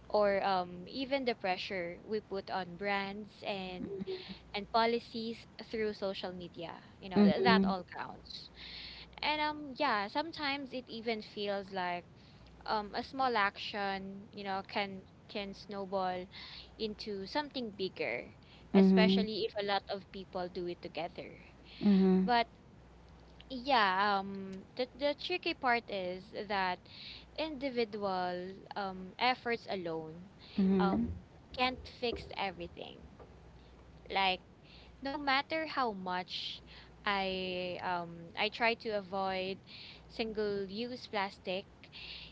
C: or even the pressure we put on brands and policies through social media. You know, that
A: Mm-hmm.
C: all counts. And yeah, sometimes it even feels like a small action, you know, can snowball into something bigger,
A: Mm-hmm.
C: especially if a lot of people do it together.
A: Mm-hmm. Mm-hmm.
C: But yeah, the tricky part is that individual efforts alone
A: Mm-hmm.
C: um can't fix everything. Like, no matter how much I try to avoid single-use plastic,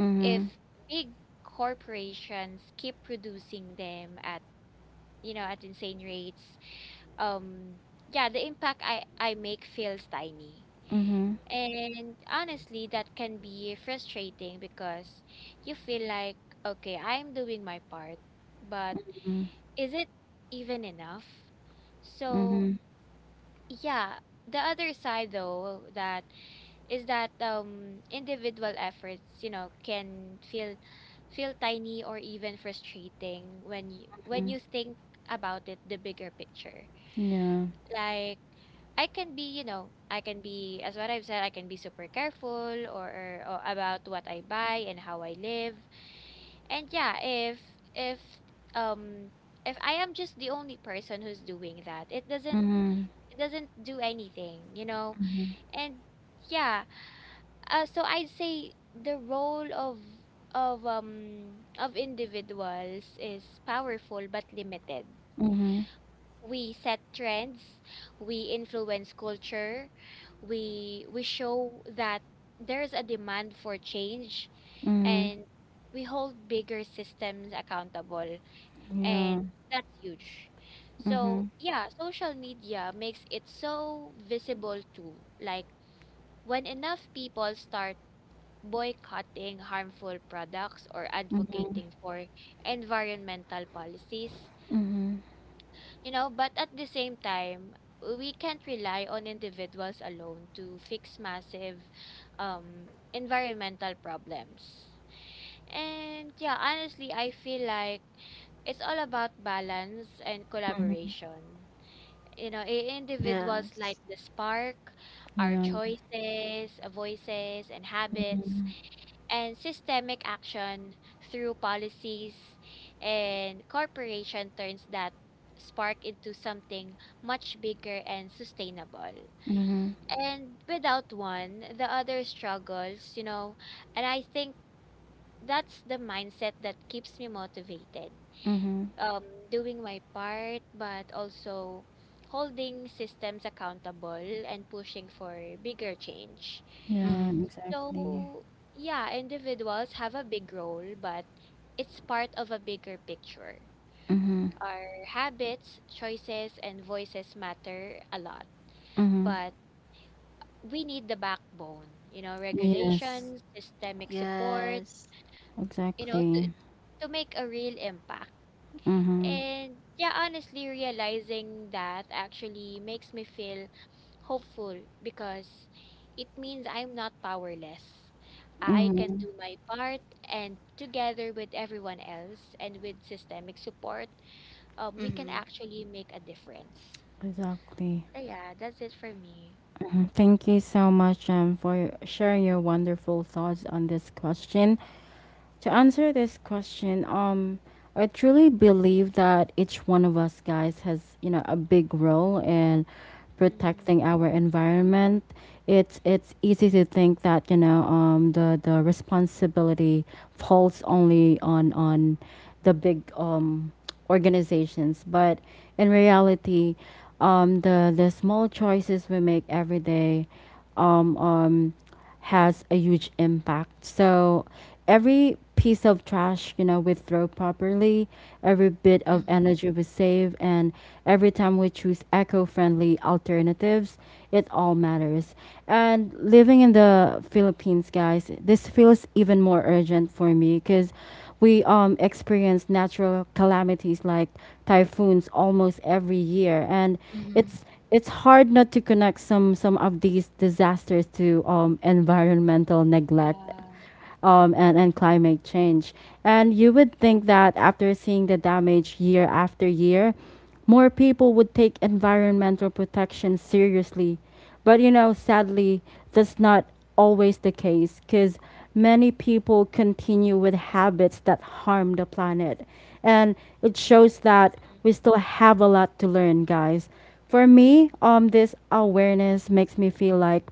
A: Mm-hmm.
C: if big corporations keep producing them at, you know, at insane rates, um yeah, the impact I make feels tiny,
A: Mm-hmm.
C: and honestly, that can be frustrating because you feel like, okay, I'm doing my part, but is it even enough?
A: Mm-hmm.
C: So,
A: Mm-hmm.
C: yeah, the other side though, that is that individual efforts, you know, can feel feel tiny or even frustrating when you think about it the bigger picture.
A: Yeah.
C: Like, I can be, you know, I can be, as what I've said, I can be super careful or about what I buy and how I live. And yeah, if um if I am just the only person who's doing that,
A: Mm-hmm.
C: it doesn't do anything, you know. And yeah, so I'd say the role of individuals is powerful but limited.
A: Mm-hmm.
C: We set trends, we influence culture, we show that there's a demand for change,
A: Mm-hmm.
C: and we hold bigger systems accountable,
A: Yeah.
C: and that's huge.
A: Mm-hmm.
C: So, yeah, social media makes it so visible too. Like, when enough people start boycotting harmful products or
A: Mm-hmm.
C: advocating for environmental policies,
A: Mhm.
C: you know, but at the same time, we can't rely on individuals alone to fix massive environmental problems. And yeah, honestly, I feel like it's all about balance and
A: Mhm.
C: collaboration. You know, individuals light
B: Yes.
C: the spark, our
A: Yeah.
C: choices, voices, and habits,
A: Mhm.
C: and systemic action through policies and corporation turns that spark into something much bigger and sustainable.
A: Mhm.
C: And without one, the other struggles, you know. And I think that's the mindset that keeps me motivated,
A: Mhm.
C: um, doing my part, but also holding systems accountable and pushing for bigger change.
A: Yeah,
B: Mm-hmm.
A: exactly.
C: So, yeah, individuals have a big role, but it's part of a bigger picture.
A: Mhm.
C: Our habits, choices, and voices matter a lot,
A: Mhm.
C: but we need the backbone, you know,
A: Yes.
C: regulations, systemic support,
B: Yes.
C: you know,
A: Exactly.
C: to make a real impact.
A: Mhm.
C: And yeah, honestly, realizing that actually makes me feel hopeful because it means I'm not powerless. I can
A: Mhm.
C: do my part, and together with everyone else and with systemic support, we can
B: Mm-hmm.
C: actually make a difference.
A: Exactly.
C: So yeah, that's it for me.
A: Mhm. Thank you so much, for sharing your wonderful thoughts on this question. To answer this question, I truly believe that each one of us, guys, has, you know, a big role in
C: Mm,
A: protecting our environment. It's easy to think that, you know, the responsibility falls only on the big organizations, but in reality, the small choices we make every day, um, um, has a huge impact. So every piece of trash, you know, we throw properly, every bit of
B: Mm-hmm.
A: energy we save, and every time we choose eco-friendly alternatives, it all matters. And living in the Philippines, guys, this feels even more urgent for me because we experience natural calamities like typhoons almost every year, and
B: Mm-hmm.
A: it's hard not to connect some of these disasters to environmental neglect
C: yeah,
A: and climate change. And you would think that after seeing the damage year after year, more people would take environmental protection seriously. But you know, sadly, that's not always the case, because many people continue with habits that harm the planet. And it shows
C: mm,
A: that we still have a lot to learn, guys. For me, this awareness makes me feel like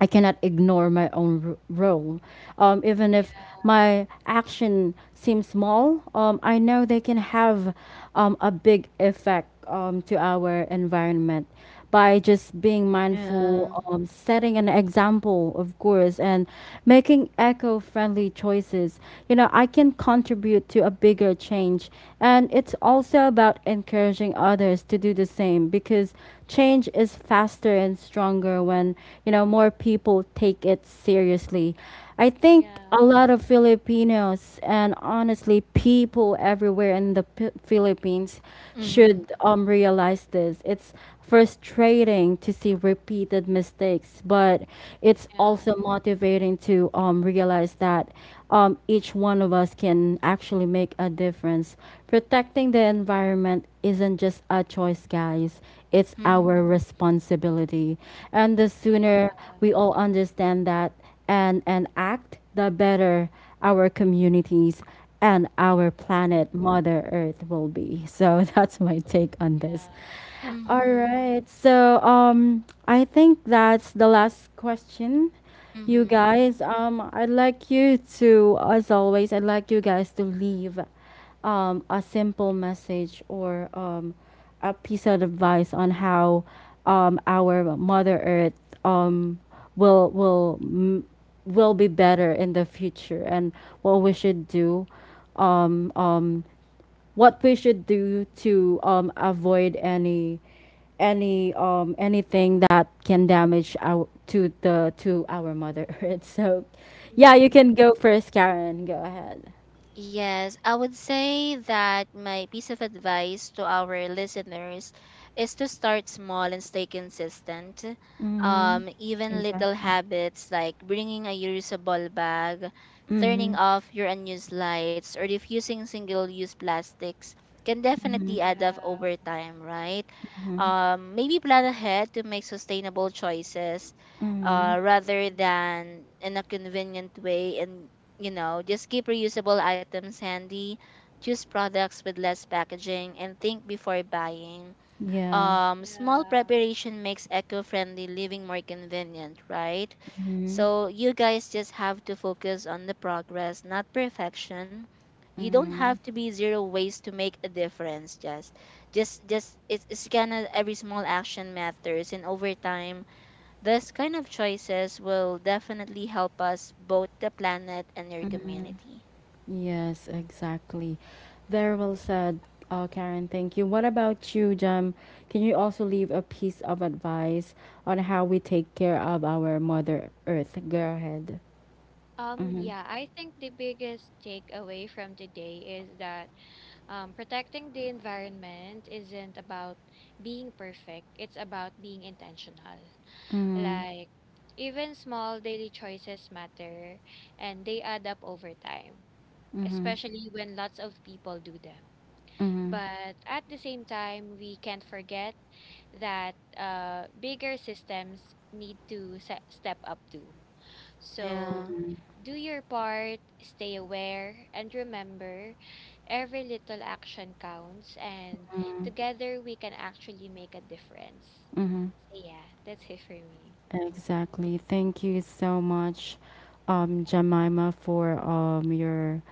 A: I cannot ignore my own role. Even if
C: yeah,
A: my action seems small, I know they can have a big effect to our environment by just being mindful,
B: Yeah.
A: setting an example, of course, and making eco friendly choices. You know, I can contribute to a bigger change. And it's also about encouraging others to do the same because change is faster and stronger when you know more people take it seriously. I think
C: yeah,
A: a lot of Filipinos and honestly people everywhere in the Philippines
B: Mm-hmm.
A: should realize this. It's frustrating to see repeated mistakes, but it's also motivating to realize that each one of us can actually make a difference. Protecting the environment isn't just a choice, guys, it's our
B: Mm-hmm.
A: responsibility. And the
C: yeah,
A: sooner we all understand that, and act, the better our communities and our
C: mm,
A: planet, Mother Earth, will be. So that's my take on
C: yeah,
A: this. All
B: Mm-hmm.
A: right. So I think that's the last question. You
B: Mm-hmm.
A: guys, I'd like you to, as always, I'd like you guys to leave a simple message or a piece of advice on how our Mother Earth um will will m- will be better in the future, and what we should do um
C: mm,
A: to avoid any anything that can damage our to the to our Mother Earth. So, yeah, you
C: mhm,
A: can go first, Karen. Go ahead.
B: Yes, I would say that my piece of advice to our listeners is to start small and stay consistent.
A: Mm-hmm.
B: Even little
A: Exactly.
B: habits like bringing a reusable bag,
A: Mm-hmm.
B: turning off your unused lights, or diffusing single use plastics can definitely add up
C: yeah,
B: over time, right? Maybe plan ahead to make sustainable choices,
A: Mm-hmm.
B: rather
C: mm,
B: than in a convenient way. And you know, just keep reusable items handy, choose products with less packaging, and think before buying.
A: Yeah.
B: Small
C: yeah.
B: preparation makes eco friendly living more convenient, right?
A: Mm-hmm.
B: So you guys just have to focus on the progress, not perfection. You don't
A: Mm-hmm.
B: have to be zero waste to make a difference. Just it's gonna every small action matters, and over time this kind of choices will definitely help us both the planet and your community.
A: Yes, exactly. Very well said, Karen. Thank you. What about you, Jam? Can you also leave a piece of advice on how we take care of our Mother Earth? Go ahead. Mm-hmm.
C: Yeah, I think the biggest takeaway from today is that protecting the environment isn't about being perfect, it's about being intentional.
A: Mm-hmm.
C: Like, even small daily choices matter and they add up over time,
A: Mm-hmm.
C: especially when lots of people do them.
A: Mm-hmm.
C: But at the same time, we can't forget that bigger systems need to step up too.
B: Yeah.
C: So, do your part, stay aware, and remember every little action counts, and together we can actually make a difference.
A: Mm-hmm.
C: So, yeah, that's it for me.
A: Exactly. Thank you so much, Jemima, for your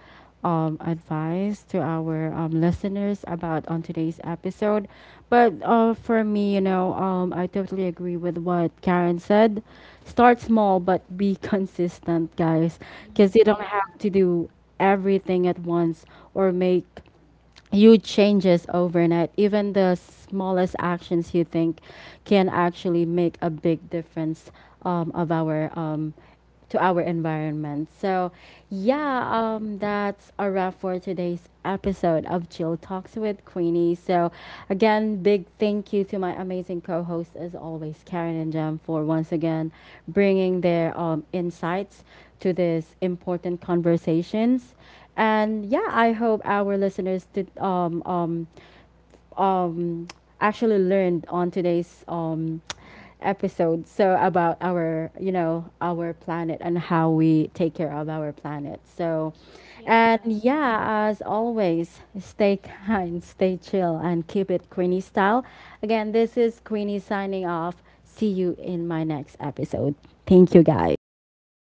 A: advice to our listeners about on today's episode. But for me, you know, I totally agree with what Karen said. Start small, but be consistent, guys, because you
C: Hmm,
A: don't
C: yeah,
A: have to do everything at once or make huge changes overnight. Even the smallest actions you think can actually make a big difference of our to our environment. So, yeah,
C: yeah,
A: that's a wrap for today's episode of Chill Talks with Queenie. So, again, big thank you to my amazing co-hosts as always, Karen and Jem, for once again bringing their insights to these important conversations. And yeah, I hope our listeners did um actually learned on today's episode, so about our, you know, our planet and how we take care of our planet. So, and
C: yeah.
A: yeah, as always, stay kind, stay chill, and keep it Queenie style. Again, this is Queenie signing off. See you in my next episode. Thank you, guys.